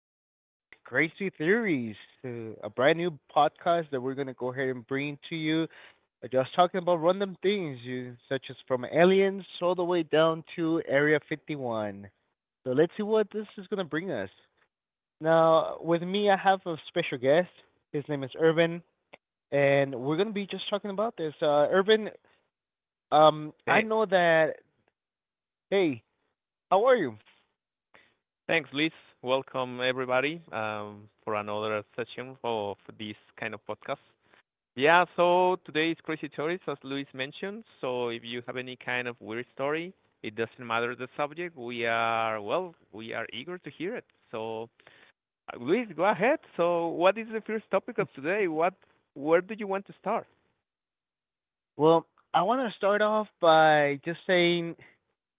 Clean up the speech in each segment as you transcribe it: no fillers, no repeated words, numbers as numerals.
more with Crazy Theories, a brand new podcast that we're going to go ahead and bring to you. Just talking about random things, you, such as from aliens all the way down to Area 51. So let's see what this is going to bring us. Now, with me, I have a special guest. His name is Urban, and we're going to be just talking about this. Urban, I Hey, know that. Hey, how are you? thanks, Luis. Welcome, everybody, for another session of this kind of podcast. Yeah, so today is Crazy Stories, as Luis mentioned. So if you have any kind of weird story, it doesn't matter the subject. We are eager to hear it. So, Luis, go ahead. So, what is the first topic of today? Where do you want to start? Well, I want to start off by just saying,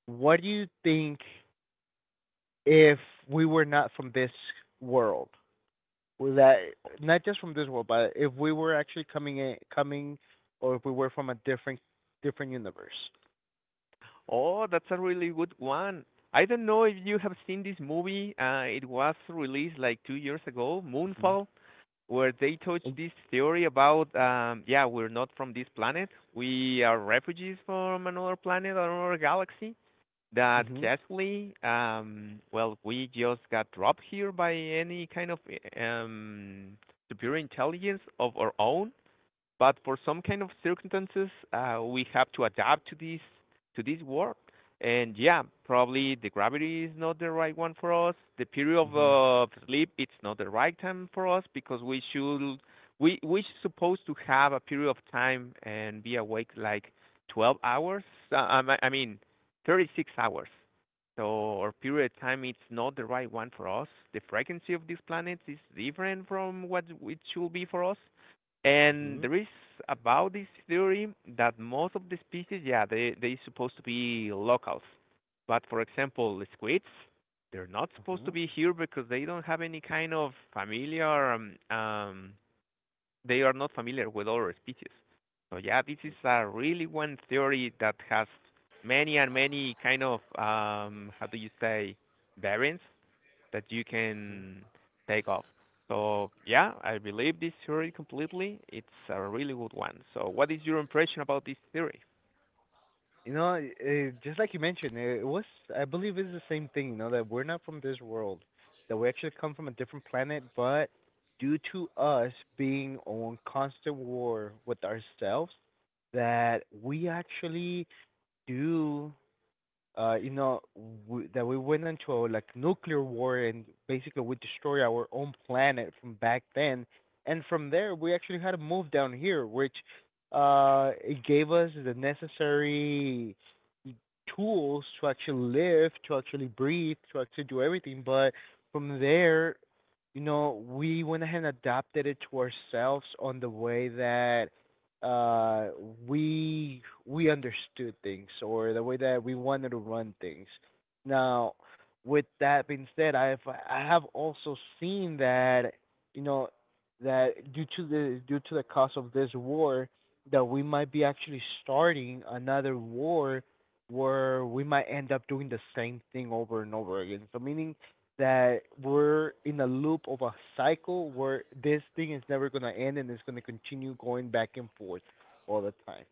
what do you think if we were not from this world? That not just from this world, but if we were actually coming in, coming, or if we were from a different universe. Oh, that's a really good one. I don't know if you have seen this movie. It was released like 2 years ago, Mhm. Moonfall, where they touch Mhm. this theory about yeah, we're not from this planet, we are refugees from another planet or another galaxy that Mhm. casually, well, we just got dropped here by any kind of um, superior intelligence of our own, but for some kind of circumstances, we have to adapt to this world. And yeah, probably the gravity is not the right one for us. The period of Mhm. Sleep, it's not the right time for us, because we should we supposed to have a period of time and be awake like 12 hours. I mean 36 hours. So our period of time, it's not the right one for us. The frequency of this planet is different from what it should be for us, and there is about this theory that most of the species, yeah, they supposed to be locals. But for example, squids, they're not supposed to Mhm. be here because they don't have any kind of familiar. They are not familiar with other species. So yeah, this is a really one theory that has many kind of how do you say variants that you Mhm. can take off. So yeah, I believe this theory completely. It's a really good one. So what is your impression about this theory? You know, just like you mentioned, it was I believe it's the same thing. You know that we're not from this world, that we actually come from a different planet, but due to us being on constant war with ourselves, that we actually do you know, w that we went into a like nuclear war and basically we destroyed our own planet from back then. And from there, we actually had to move down here, which it gave us the necessary tools to actually live, to actually breathe, to actually do everything. But from there, you know, we went ahead and adapted it to ourselves on the way that uh we understood things or the way that we wanted to run things. Now, with that being said, I have also seen that you know that due to the cost of this war that we might be actually starting another war where we might end up doing the same thing over and over again. So meaning that we're in a loop of a cycle where this thing is never going to end and it's going to continue going back and forth all the time.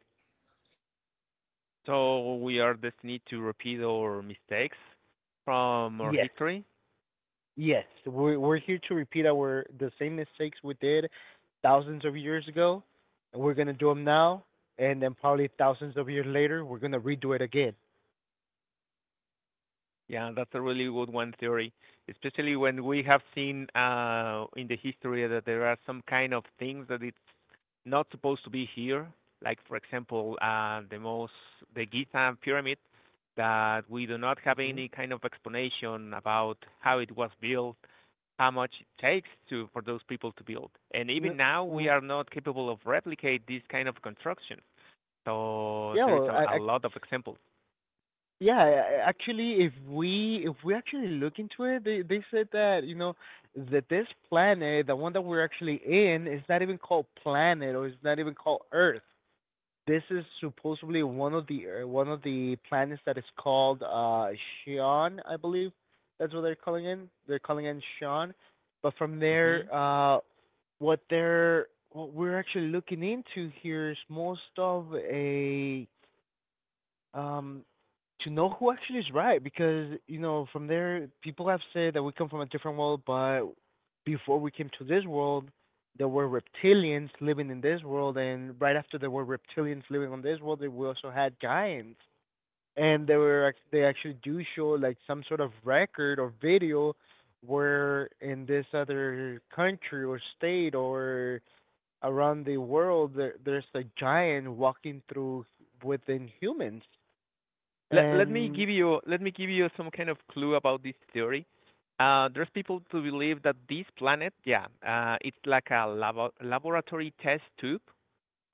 So we are destined to repeat our mistakes from our Yes, history. yes. We're here to repeat our the same mistakes we did thousands of years ago, and we're going to do them now, and then probably thousands of years later we're going to redo it again. Yeah, that's a really good one theory, especially when we have seen in the history that there are some kind of things that is not supposed to be here. Like for example, the Giza pyramid that we do not have Mhm. any kind of explanation about how it was built, how much it takes to for those people to build, and even now we are not capable of replicate this kind of construction. So Yeah, there is well, a I lot of examples. Yeah, actually, if we actually look into it, they said that you know that this planet, the one that we're actually in, is not even called planet or it's not even called Earth. This is supposedly one of the planets that is called Xion, I believe. That's what they're calling in. They're calling in Xion. But from there, Hmm, what they're what we're actually looking into here is most of a um, to know who actually is right because you know from there people have said that we come from a different world, but before we came to this world, there were reptilians living in this world, and right after there were reptilians living on this world, we also had giants, and they were they actually do show like some sort of record or video where in this other country or state or around the world there, there's a giant walking through within humans let let me and give you let me give you some kind of clue about this theory. There's people to believe that this planet, yeah, it's like a laboratory test tube,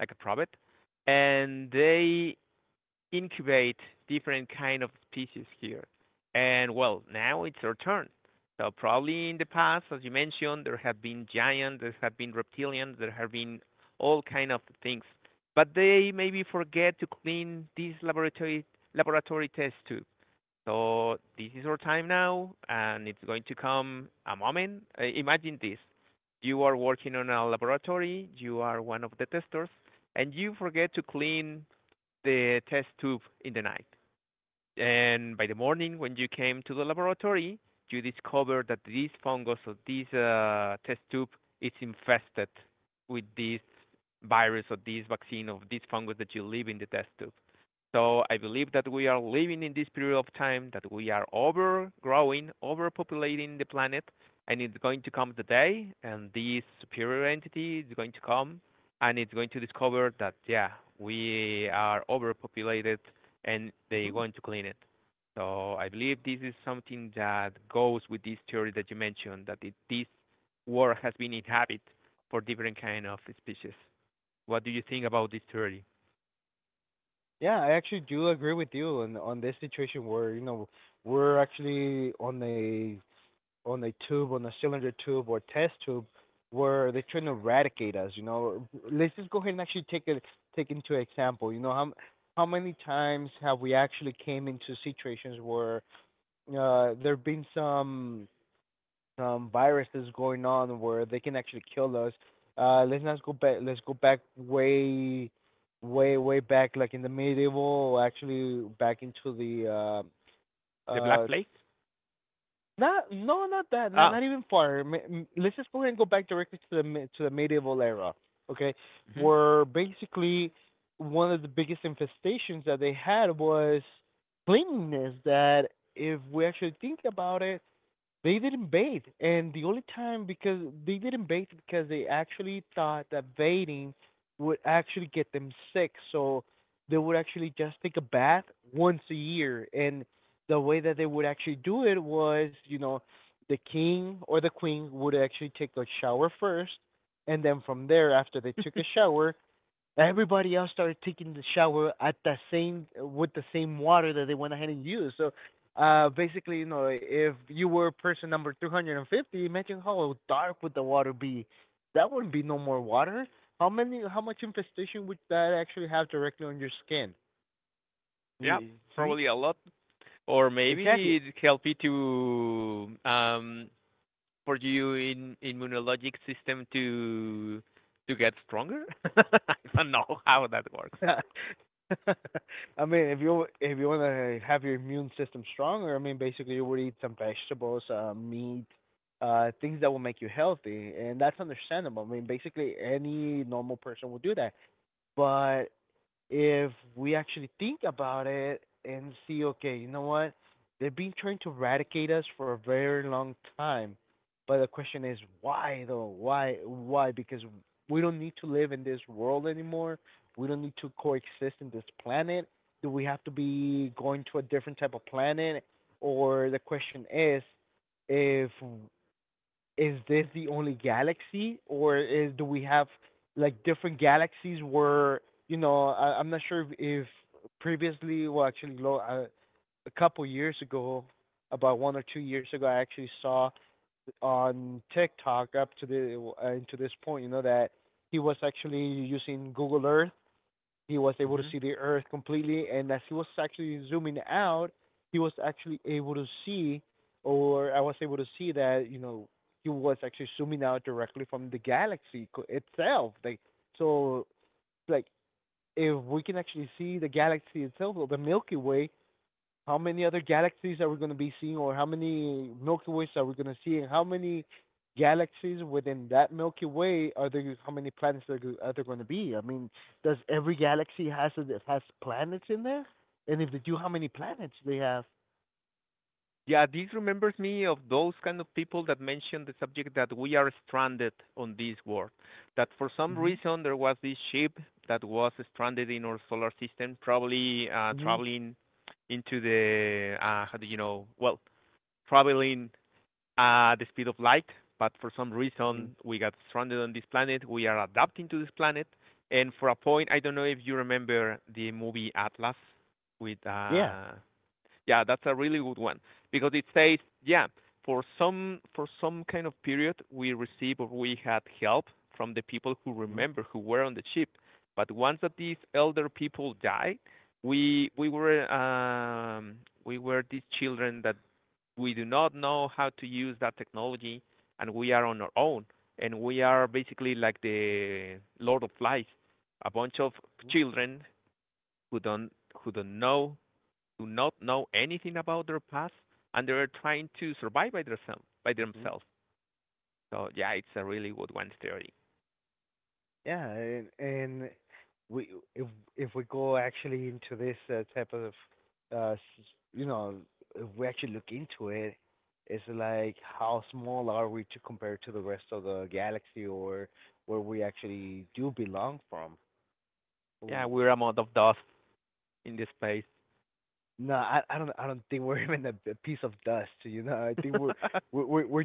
like a probit, and they incubate different kind of species here. And well, now it's our turn. So probably in the past, as you mentioned, there have been giants, there have been reptilians, there have been all kind of things. But they maybe forget to clean these laboratory tests too. So this is our time now, and it's going to come a moment. Imagine this: you are working on a laboratory, you are one of the testers, and you forget to clean the test tube in the night. And by the morning, when you came to the laboratory, you discovered that this fungus or this test tube is infested with this virus or this vaccine or this fungus that you leave in the test tube. So I believe that we are living in this period of time that we are overgrowing, overpopulating the planet, and it's going to come the day, and this superior entity is going to come, and it's going to discover that yeah, we are overpopulated, and they're mhm. going to clean it. So I believe this is something that goes with this theory that you mentioned that it, this world has been inhabited for different kind of species. What do you think about this theory? Yeah, I actually do agree with you on this situation where you know we're actually on a tube on a cylinder tube or test tube where they're trying to eradicate us. You know, let's just go ahead and actually take a take into example. You know how how many times have we actually came into situations where there have been some viruses going on where they can actually kill us. Let's not go back. Let's go back way, way, way back, like in the medieval, actually back into the uh, The black uh, plague? not no, not that, not Ah, even far. Let's just go ahead and go back directly to the to the medieval era, okay? mhm. Where basically one of the biggest infestations that they had was cleanliness. That if we actually think about it, they didn't bathe, and the only time because they didn't bathe because they actually thought that bathing would actually get them sick, so they would actually just take a bath once a year. And the way that they would actually do it was, you know, the king or the queen would actually take a shower first, and then from there, after they took a shower, everybody else started taking the shower at the same with the same water that they went ahead and used. So basically, you know, if you were person number 350, imagine how dark would the water be. That wouldn't be no more water. How many how much infestation would that actually have directly on your skin? Yeah, You, see? probably a lot. Or Exactly. maybe it help you to for you in immunologic system to get stronger. I don't know how that works. I mean, if you want to have your immune system stronger, I mean, basically you would eat some vegetables, meat, things that will make you healthy, and that's understandable. I mean, basically any normal person would do that. But if we actually think about it and see, okay, you know what? They've been trying to eradicate us for a very long time. But the question is, why though? Why? Why? Because we don't need to live in this world anymore. We don't need to coexist in this planet. Do we have to be going to a different type of planet? Or the question is, if is this the only galaxy, or is do we have like different galaxies where you know I'm not sure if previously, well, actually, a couple years ago, about 1 or 2 years ago, I actually saw on TikTok up to the into this point, you know, that he was actually using Google Earth he was able to Hmm. see the Earth completely, and as he was actually zooming out, he was actually able to see, or I was able to see that you know he was actually zooming out directly from the galaxy itself. Like so, like if we can actually see the galaxy itself, or the Milky Way, how many other galaxies are we going to be seeing, or how many Milky Ways are we going to see, and how many galaxies within that Milky Way are there? How many planets are there going to be? I mean, does every galaxy has a, has planets in there? And if they do, how many planets they have? Yeah, this remembers me of those kind of people that mentioned the subject that we are stranded on this world. That for some Mm. reason there was this ship that was stranded in our solar system, probably Mhm. Mhm. traveling into the how do you know? Well, traveling at the speed of light, but for some Mhm. reason we got stranded on this planet. We are adapting to this planet, and for a point, I don't know if you remember the movie Atlas with Yeah. Yeah, that's a really good one because it says yeah, for some kind of period we received or we had help from the people who Mhm. remember who were on the ship, but once that these elder people died, we were we were these children that we do not know how to use that technology, and we are on our own. And we are basically like the Lord of Flies, a bunch of children who don't who don't know do not know anything about their past, and they're trying to survive by themselves by Mhm. themselves. So yeah, it's a really good one theory. Yeah, and we if we go actually into this type of uh s- you know if we actually look into it, it's like how small are we to compare to the rest of the galaxy or where we actually do belong from? Yeah, we're a mound of dust in this space. No, I don't think we're even a piece of dust, you know. I think we're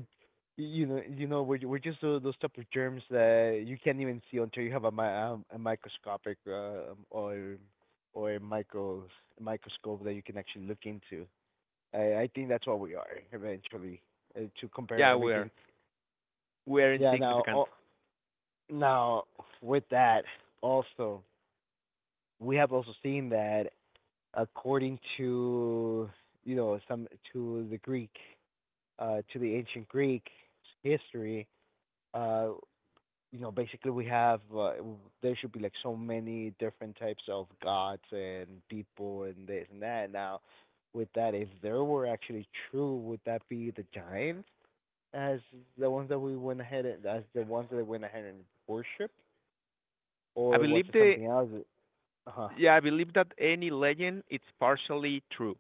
you know we're just those type of germs that you can't even see until you have a mi a microscopic or a microscope that you can actually look into. I think that's what we are eventually to compare Yeah, everything. we're Yeah. Now insignificant. all, now with that also we have also seen that according to you know some to the Greek to the ancient Greek history, uh, you know, basically we have there should be like so many different types of gods and people and this and that. Now, with that, if there were actually true, would that be the giants as the ones that we went ahead and as the ones that they went ahead and worshipped, I or was believe it the something else? Uh huh. Yeah, I believe that any legend, it's partially true.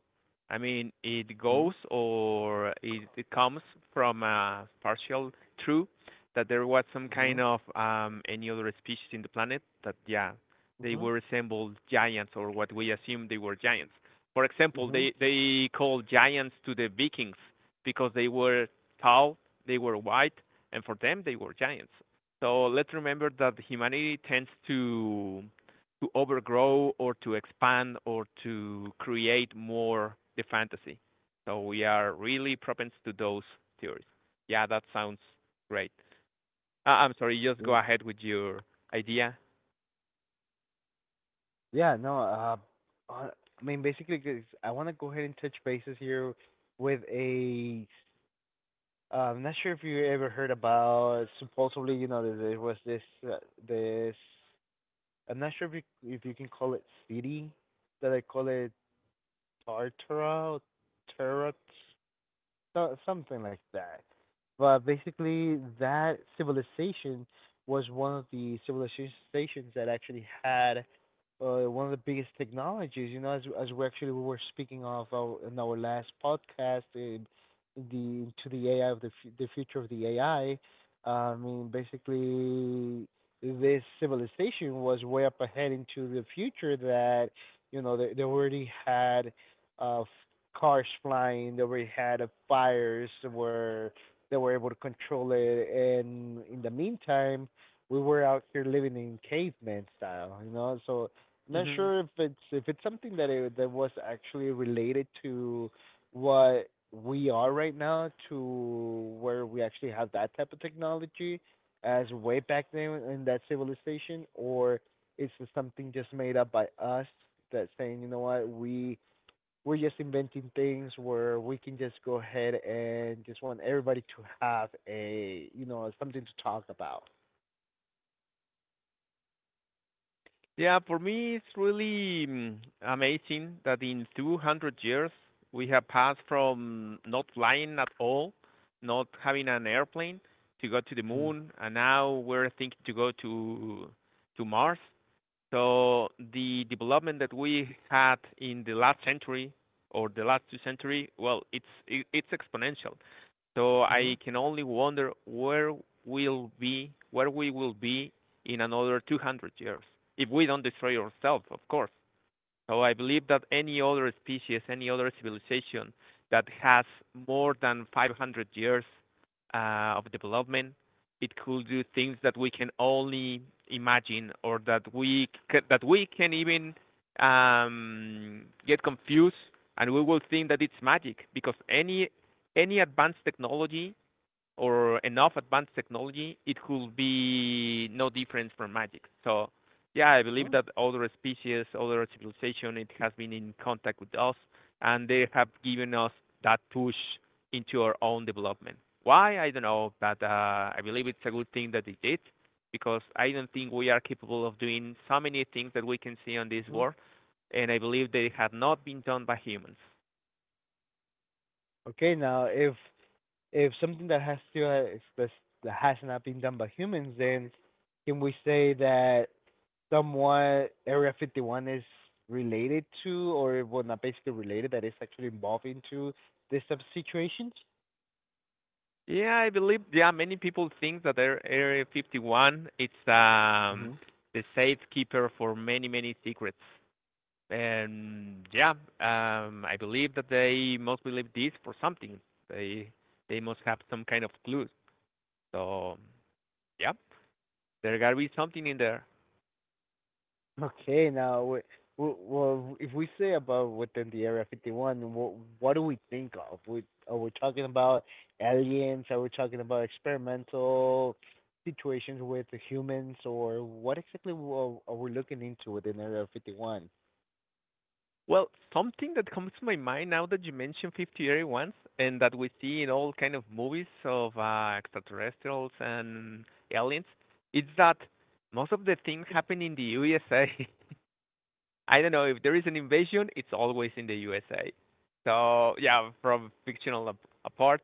I mean, it Mhm. goes or it comes from a partial true that there was some kind Mhm. of any other species in the planet that yeah they Mhm. were resembled giants or what we assume they were giants. For example, Mhm. they called giants to the Vikings because they were tall, they were white, and for them they were giants. So let's remember that humanity tends to overgrow or to expand or to create more the fantasy. So we are really propense to those theories. Yeah, that sounds great. I'm sorry, just go Yeah. ahead with your idea. Yeah, no, uh, I mean, basically, 'cause I want to go ahead and touch bases here with a. I'm not sure if you ever heard about supposedly, you know, there was this uh, this. I'm not sure if you can call it city that I call it Tartara, Tarot. So, something like that. But basically, that civilization was one of the civilizations that actually had one of the biggest technologies. You know, as we actually we were speaking of our, in our last podcast, in in the to the AI of the the future of the AI. I mean, basically, this civilization was way up ahead into the future that you know they already had uh, cars flying. They already had fires where they were able to control it. And in the meantime, we were out here living in caveman style, you know. So not Hmm. sure if it's something that that was actually related to what we are right now, to where we actually have that type of technology as way back then in that civilization, or is this something just made up by us that saying, you know what, we're just inventing things where we can just go ahead and just want everybody to have a, you know, something to talk about. Yeah, for me, it's really amazing that in 200 years we have passed from not flying at all, not having an airplane, to go to the Mm-hmm. moon, and now we're thinking to go to Mars. So the development that we had in the last century or the last two century, well, it's exponential. So Mm-hmm. I can only wonder where will be where we will be in another 200 years if we don't destroy ourselves, of course. So I believe that any other species, any other civilization that has more than 500 years of development, it could do things that we can only imagine, or that we that we can even get confused, and we will think that it's magic because any advanced technology or enough advanced technology, it could be no different from magic. So yeah, I believe that other species, other civilization, it has been in contact with us, and they have given us that push into our own development. Why I don't know, but I believe it's a good thing that they did, because I don't think we are capable of doing so many things that we can see on this Mm-hmm. world, and I believe they have not been done by humans. Okay, now if something that has to if this, that has not been done by humans, then can we say that somewhat Area 51 is related to, or well, not basically related, that is actually involved into this type of situations? Yeah, I believe yeah many people think that Area 51, it's Mm-hmm. the safekeeper for many secrets. And yeah, I believe that they must believe this for something. They they must have some kind of clue. So yeah, there gotta be something in there. Okay, now, well, if we say about within the Area 51, what do we think of? Are we talking about aliens? Are we talking about experimental situations with the humans? Or what exactly are we looking into within Area 51? Well, something that comes to my mind now that you mentioned 50 Eerie Ones and that we see in all kind of movies of extraterrestrials and aliens, it's that most of the things happen in the USA. I don't know if there is an invasion, it's always in the USA. So yeah, from fictional apart,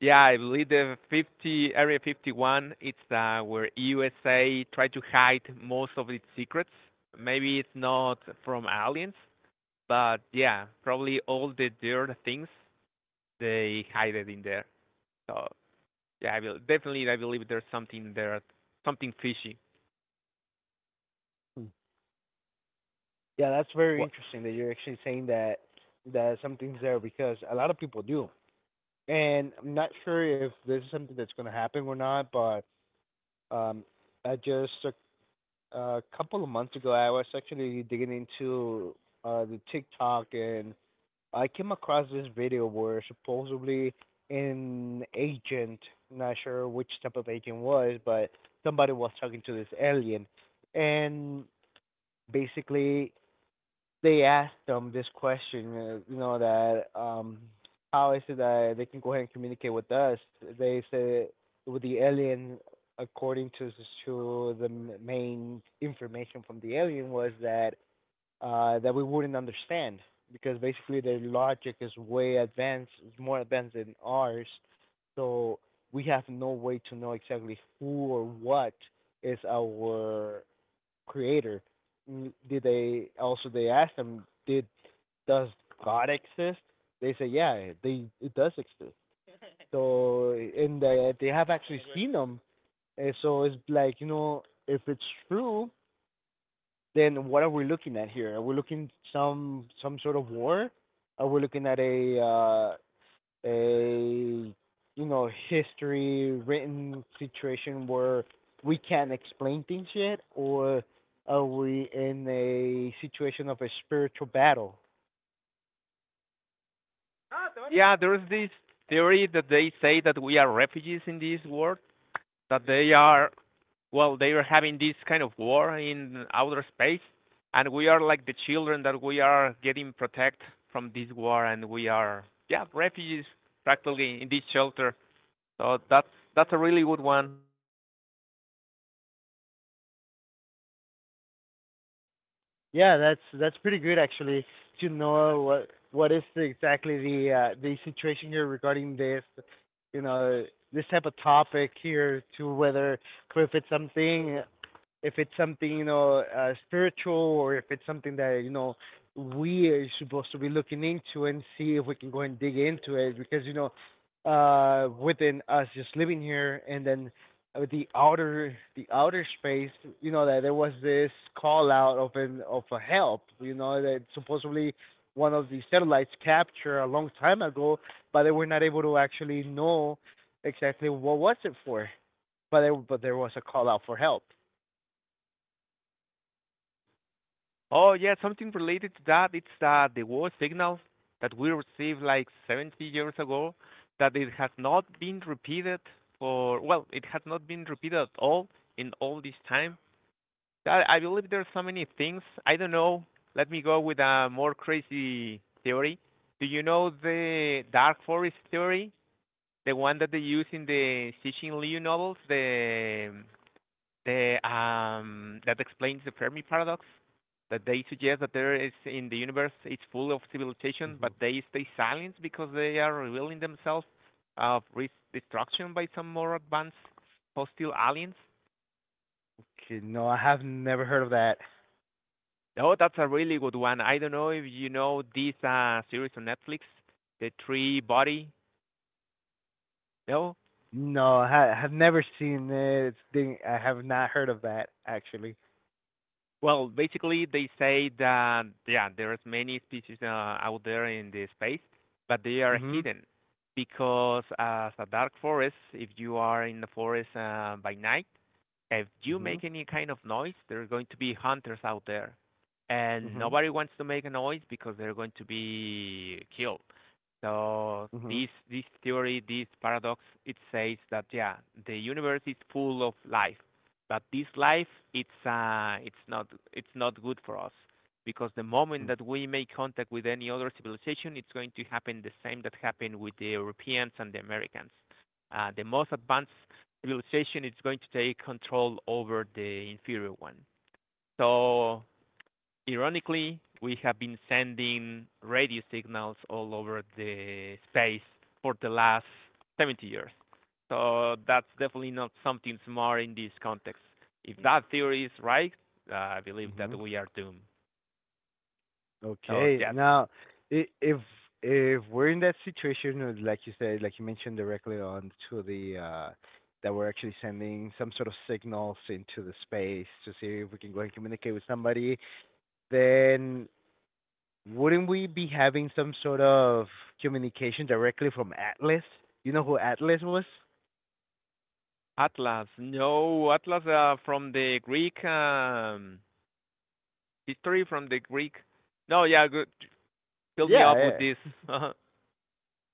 yeah, I believe the 50 Area 51. It's where USA try to hide most of its secrets. Maybe it's not from aliens, but yeah, probably all the dirt things they hide it in there. So yeah, I will definitely I believe there's something there, something fishy. Hmm. Yeah, that's very What? interesting that you're actually saying that something's there, because a lot of people do. And I'm not sure if this is something that's going to happen or not, but um, I just a couple of months ago, I was actually digging into the TikTok, and I came across this video where supposedly an agent, not sure which type of agent was, but somebody was talking to this alien, and basically they asked them this question, you know, that how is it that they can go ahead and communicate with us? They said, with the alien, according to the main information from the alien, was that that we wouldn't understand because basically their logic is way advanced, more advanced than ours, so we have no way to know exactly who or what is our creator. Did they also, they asked him, did, does God exist? They say, yeah, they, it does exist. So in the, they have actually seen them, and so it's like, you know, if it's true, then what are we looking at here? Are we looking some sort of war? Are we looking at a a, you know, history written situation where we can't explain things yet, or are we in a situation of a spiritual battle? Yeah, there's this theory that they say that we are refugees in this world, that they are well, they are having this kind of war in outer space, and we are like the children that we are getting protect from this war, and we are yeah refugees practically in this shelter. So that's a really good one. Yeah, that's pretty good actually to know what is the, exactly the situation here regarding this, you know, this type of topic here, to whether if it's something, if it's something, you know, spiritual, or if it's something that, you know, we are supposed to be looking into and see if we can go and dig into it, because you know, within us just living here, and then with the outer space, you know, that there was this call out of an of a help, you know, that supposedly one of the satellites captured a long time ago, but they were not able to actually know exactly what was it for, but there was a call out for help. Oh yeah, something related to that. It's the war signal that we received like 70 years ago, that it has not been repeated for well, it has not been repeated at all in all this time. I believe there are so many things. I don't know. Let me go with a more crazy theory. Do you know the dark forest theory, the one that they use in the Xi Xin Liu novels, the that explains the Fermi paradox? That they suggest that there is, in the universe it's full of civilization, but Hmm. they stay silent because they are revealing themselves of destruction by some more advanced hostile aliens. Okay, no, I have never heard of that. Oh, that's a really good one. I don't know if you know this series on Netflix, The Three Body. No. No, I have never seen it. It's thing I have not heard of that actually. Well, basically, they say that yeah, there's many species out there in the space, but they are Mhm. hidden because as a dark forest, if you are in the forest by night, if you Mhm. make any kind of noise, there are going to be hunters out there, and Mhm. nobody wants to make a noise because they're going to be killed. So Mhm. this theory, this paradox, it says that yeah, the universe is full of life, but this life, it's uh, it's not it's not good for us, because the moment Mhm. that we make contact with any other civilization, it's going to happen the same that happened with the Europeans and the Americans. The most advanced civilization is going to take control over the inferior one. So ironically, we have been sending radio signals all over the space for the last 70 years. So that's definitely not something smart in this context. If that theory is right, I believe Mhm. that we are doomed. So Okay. yeah, Now, i- if if we're in that situation, or like you said, like you mentioned directly on to the that we're actually sending some sort of signals into the space to see if we can go and communicate with somebody, then wouldn't we be having some sort of communication directly from Atlas? You know who Atlas was? Atlas. No, Atlas from the Greek history, from the Greek. No, yeah, good. Fill me Yeah, up with this. yeah,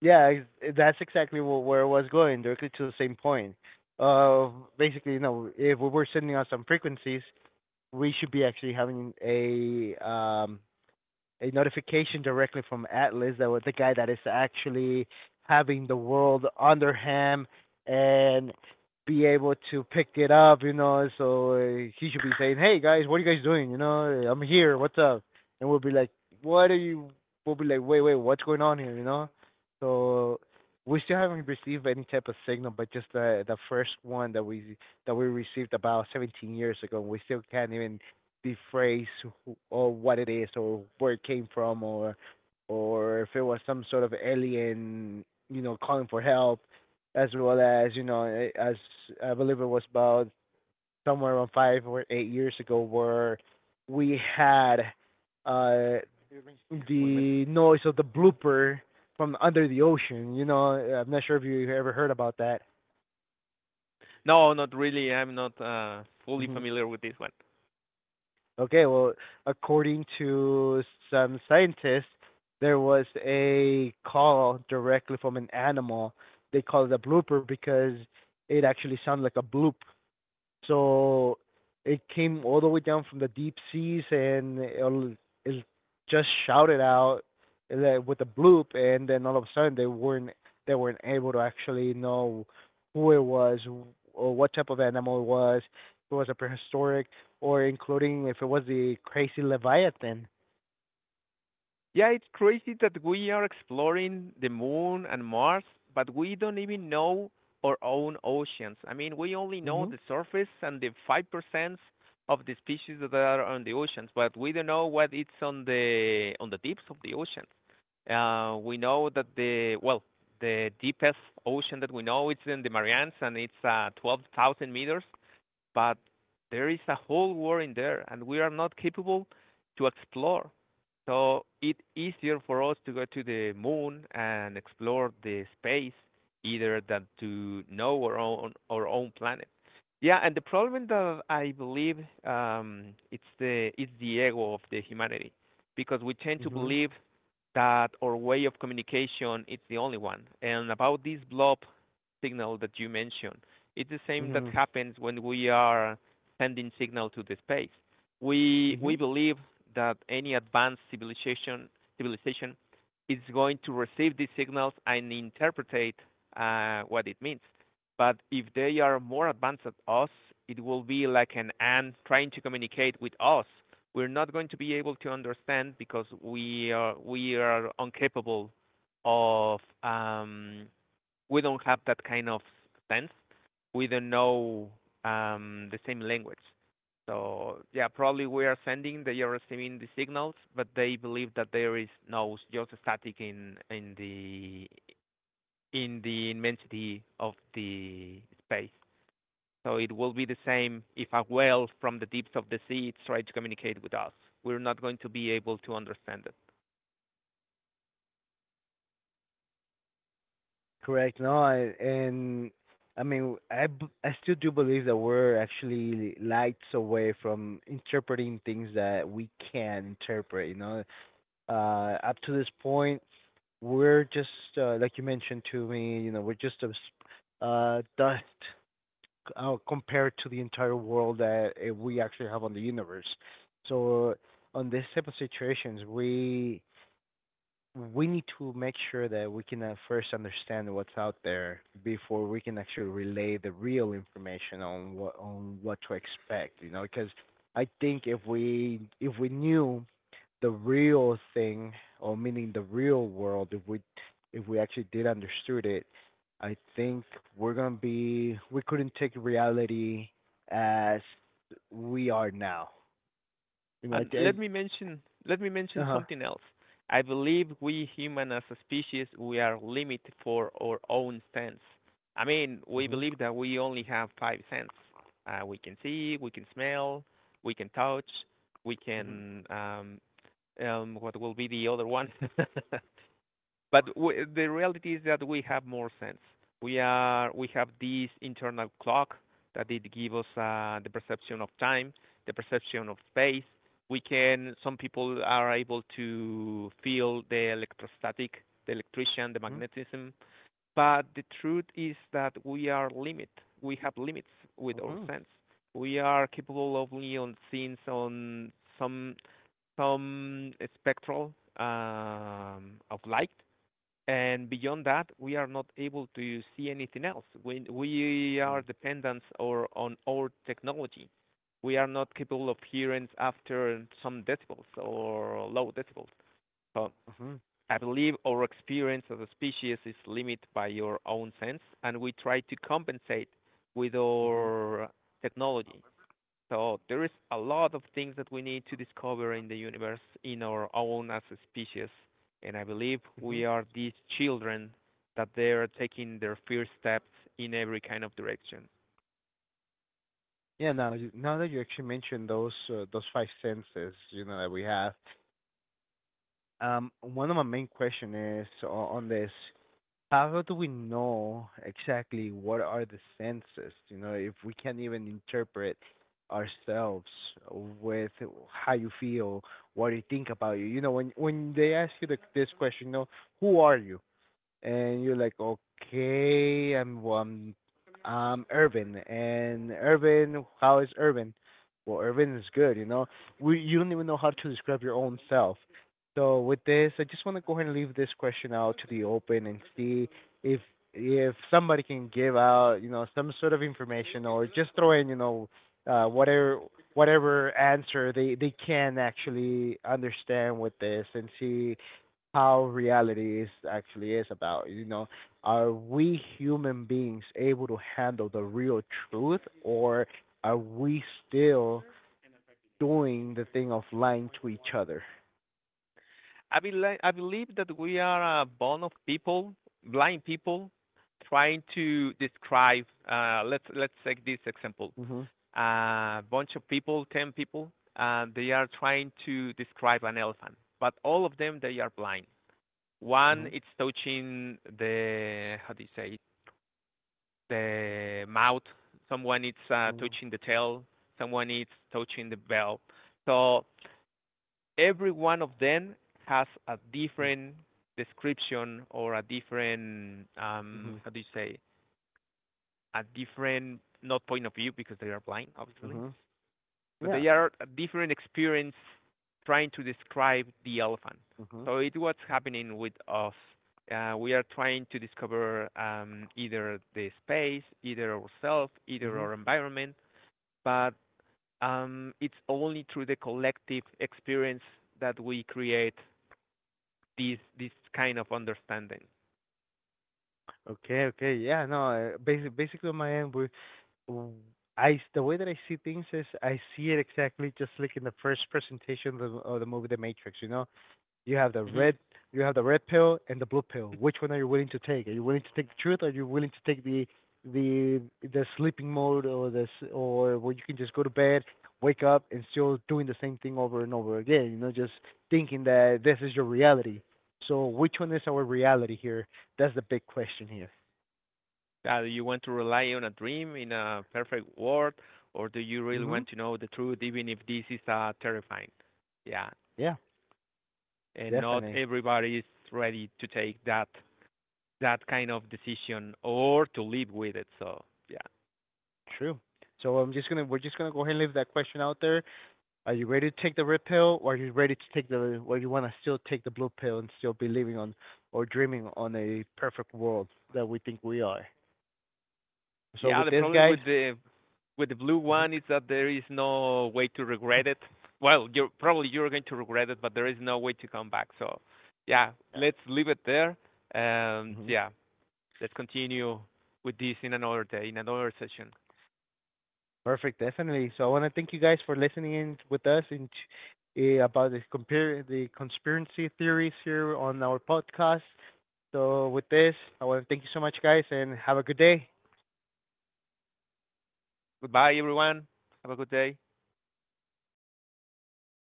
yeah. That's exactly where it was going, directly to the same point. Uh, basically, you know, if we were sending out some frequencies, we should be actually having a notification directly from Atlas, that was the guy that is actually having the world under him, and be able to pick it up, you know. So he should be saying, "Hey guys, what are you guys doing? You know, I'm here. What's up?" And we'll be like, "What are you?" We'll be like, "Wait, wait, what's going on here?" You know. So we still haven't received any type of signal, but just the first one that we received about 17 years ago, and we still can't even the phrase or what it is or where it came from, or if it was some sort of alien, you know, calling for help, as well as, you know, as I believe it was about somewhere around 5 or 8 years ago where we had uh the noise of the blooper from under the ocean. You know, I'm not sure if you ever heard about that. No, not really. I'm not fully Hmm. familiar with this one. Okay, well, according to some scientists, there was a call directly from an animal. They call it a blooper because it actually sounded like a bloop. So it came all the way down from the deep seas and it just shouted out with a bloop, and then all of a sudden they weren't able to actually know who it was or what type of animal it was. If it was a prehistoric, or including if it was the crazy leviathan. Yeah, it's crazy that we are exploring the moon and Mars, but we don't even know our own oceans. I mean, we only know Mhm. the surface and the 5% of the species that are on the oceans, but we don't know what it's on the deeps of the oceans. We know that the well, the deepest ocean that we know, it's in the Marianas, and it's 12,000 meters, but there is a whole world in there and we are not capable to explore. So it's easier for us to go to the moon and explore the space either than to know our own planet. Yeah, and the problem that I believe it's the ego of the humanity, because we tend to Mhm. believe that our way of communication is the only one. And about this blob signal that you mentioned, it's the same that Mhm. happens when we are sending signal to the space. We Mhm. believe that any advanced civilization is going to receive these signals and interpret what it means. But if they are more advanced than us, it will be like an ant trying to communicate with us. We're not going to be able to understand, because we are incapable of we don't have that kind of sense. We don't know the same language. So yeah, probably we are sending, they are receiving the signals, but they believe that there is no, just static in in the immensity of the space. So it will be the same if a whale from the depths of the sea tries to communicate with us. We're not going to be able to understand it. Correct. No, I- and I mean, I still do believe that we're actually lights away from interpreting things that we can interpret, you know. Up to this point, we're just, like you mentioned to me, you know, we're just a s dust compared to the entire world that we actually have on the universe. So on this type of situations, we need to make sure that we can, first understand what's out there before we can actually relay the real information on what, on what to expect, you know, because I think if we knew the real thing, or meaning the real world, if we, if we actually did understood it, I think we're going to be, we couldn't take reality as we are now, you know. And let I me mention let me mention uh-huh. something else. I believe we human as a species, we are limited for our own sense. I mean, we Mhm. believe that we only have 5 senses. We can see, we can smell, we can touch, we Mhm. can what will be the other one? But the reality is that we have more sense. We have this internal clock that it gives us the perception of time, the perception of space. We can. Some people are able to feel the electrostatic, the electrician, the Mhm. magnetism. But the truth is that we are limit. We have limits with our Mhm. sense. We are capable of only on seeing on some some spectral of light, and beyond that, we are not able to see anything else. We are dependent or on our technology. We are not capable of hearing after some decibels or low decibels. So Mhm. I believe our experience as a species is limited by your own sense, and we try to compensate with Mhm. our technology. So there is a lot of things that we need to discover in the universe in our own as a species. And I believe Mhm. we are these children that they are taking their first steps in every kind of direction. Yeah. Now, now that you actually mentioned those five senses, you know that we have, one of my main question is on this: how do we know exactly what are the senses? You know, if we can't even interpret ourselves with how you feel, what you think about you. You know, when they ask you this question, you know, who are you? And you're like, okay, I'm, well, I'm Irvin, and Irvin, how is Irvin? Well, Irvin is good, you know. We, you don't even know how to describe your own self. So with this, I just want to go ahead and leave this question out to the open and see if somebody can give out, you know, some sort of information, or just throw in, you know, uh, whatever whatever answer they can actually understand with this and see how reality is actually is about. You know, are we human beings able to handle the real truth, or are we still doing the thing of lying to each other? I believe that we are a bond of people, blind people, trying to describe. Let's take this example: Mhm. a bunch of people, 10 people, and they are trying to describe an elephant, but all of them they are blind. One, Mhm. it's touching the, how do you say, it? The mouth. Someone is Mhm. touching the tail. Someone is touching the bell. So every one of them has a different description or a different, Mhm. how do you say, a different, not point of view, because they are blind, obviously, Mhm. but Yeah. they are a different experience trying to describe the elephant. Mhm. So it's what's happening with us. We are trying to discover either the space, either ourselves, either Mhm. our environment, but it's only through the collective experience that we create this kind of understanding. Okay. Okay. Yeah. No. Basically, on my end, we w- I s- the way that I see things is I see it exactly just like in the first presentation of the movie The Matrix. You know, you have the Hmm. red, pill and the blue pill. Which one are you willing to take? Are you willing to take the truth, or are you willing to take the sleeping mode, or this, or where you can just go to bed, wake up and still doing the same thing over and over again, you know, just thinking that this is your reality. So which one is our reality here? That's the big question here. Do you want to rely on a dream in a perfect world, or do you really Mhm. want to know the truth, even if this is terrifying? Yeah, Yeah, and not definitely. everybody is ready to take that kind of decision or to live with it. So yeah, True. So I'm just gonna, go ahead and leave that question out there. Are you ready to take the red pill, or are you ready to take the, or you want to still take the blue pill and still be living on, or dreaming on, a perfect world that we think we are? So yeah. with The this, problem guys, with the blue one is hmm, that there is no way to regret it. Well, you're probably you're going to regret it, but there is no way to come back. So yeah, yeah, let's leave it there. And hmm, yeah, let's continue with this in another day, in another session. perfect, definitely. So I want to thank you guys for listening in with us in about the the conspiracy theories here on our podcast. So with this, I want to thank you so much, guys, and have a good day. Goodbye, everyone. Have a good day.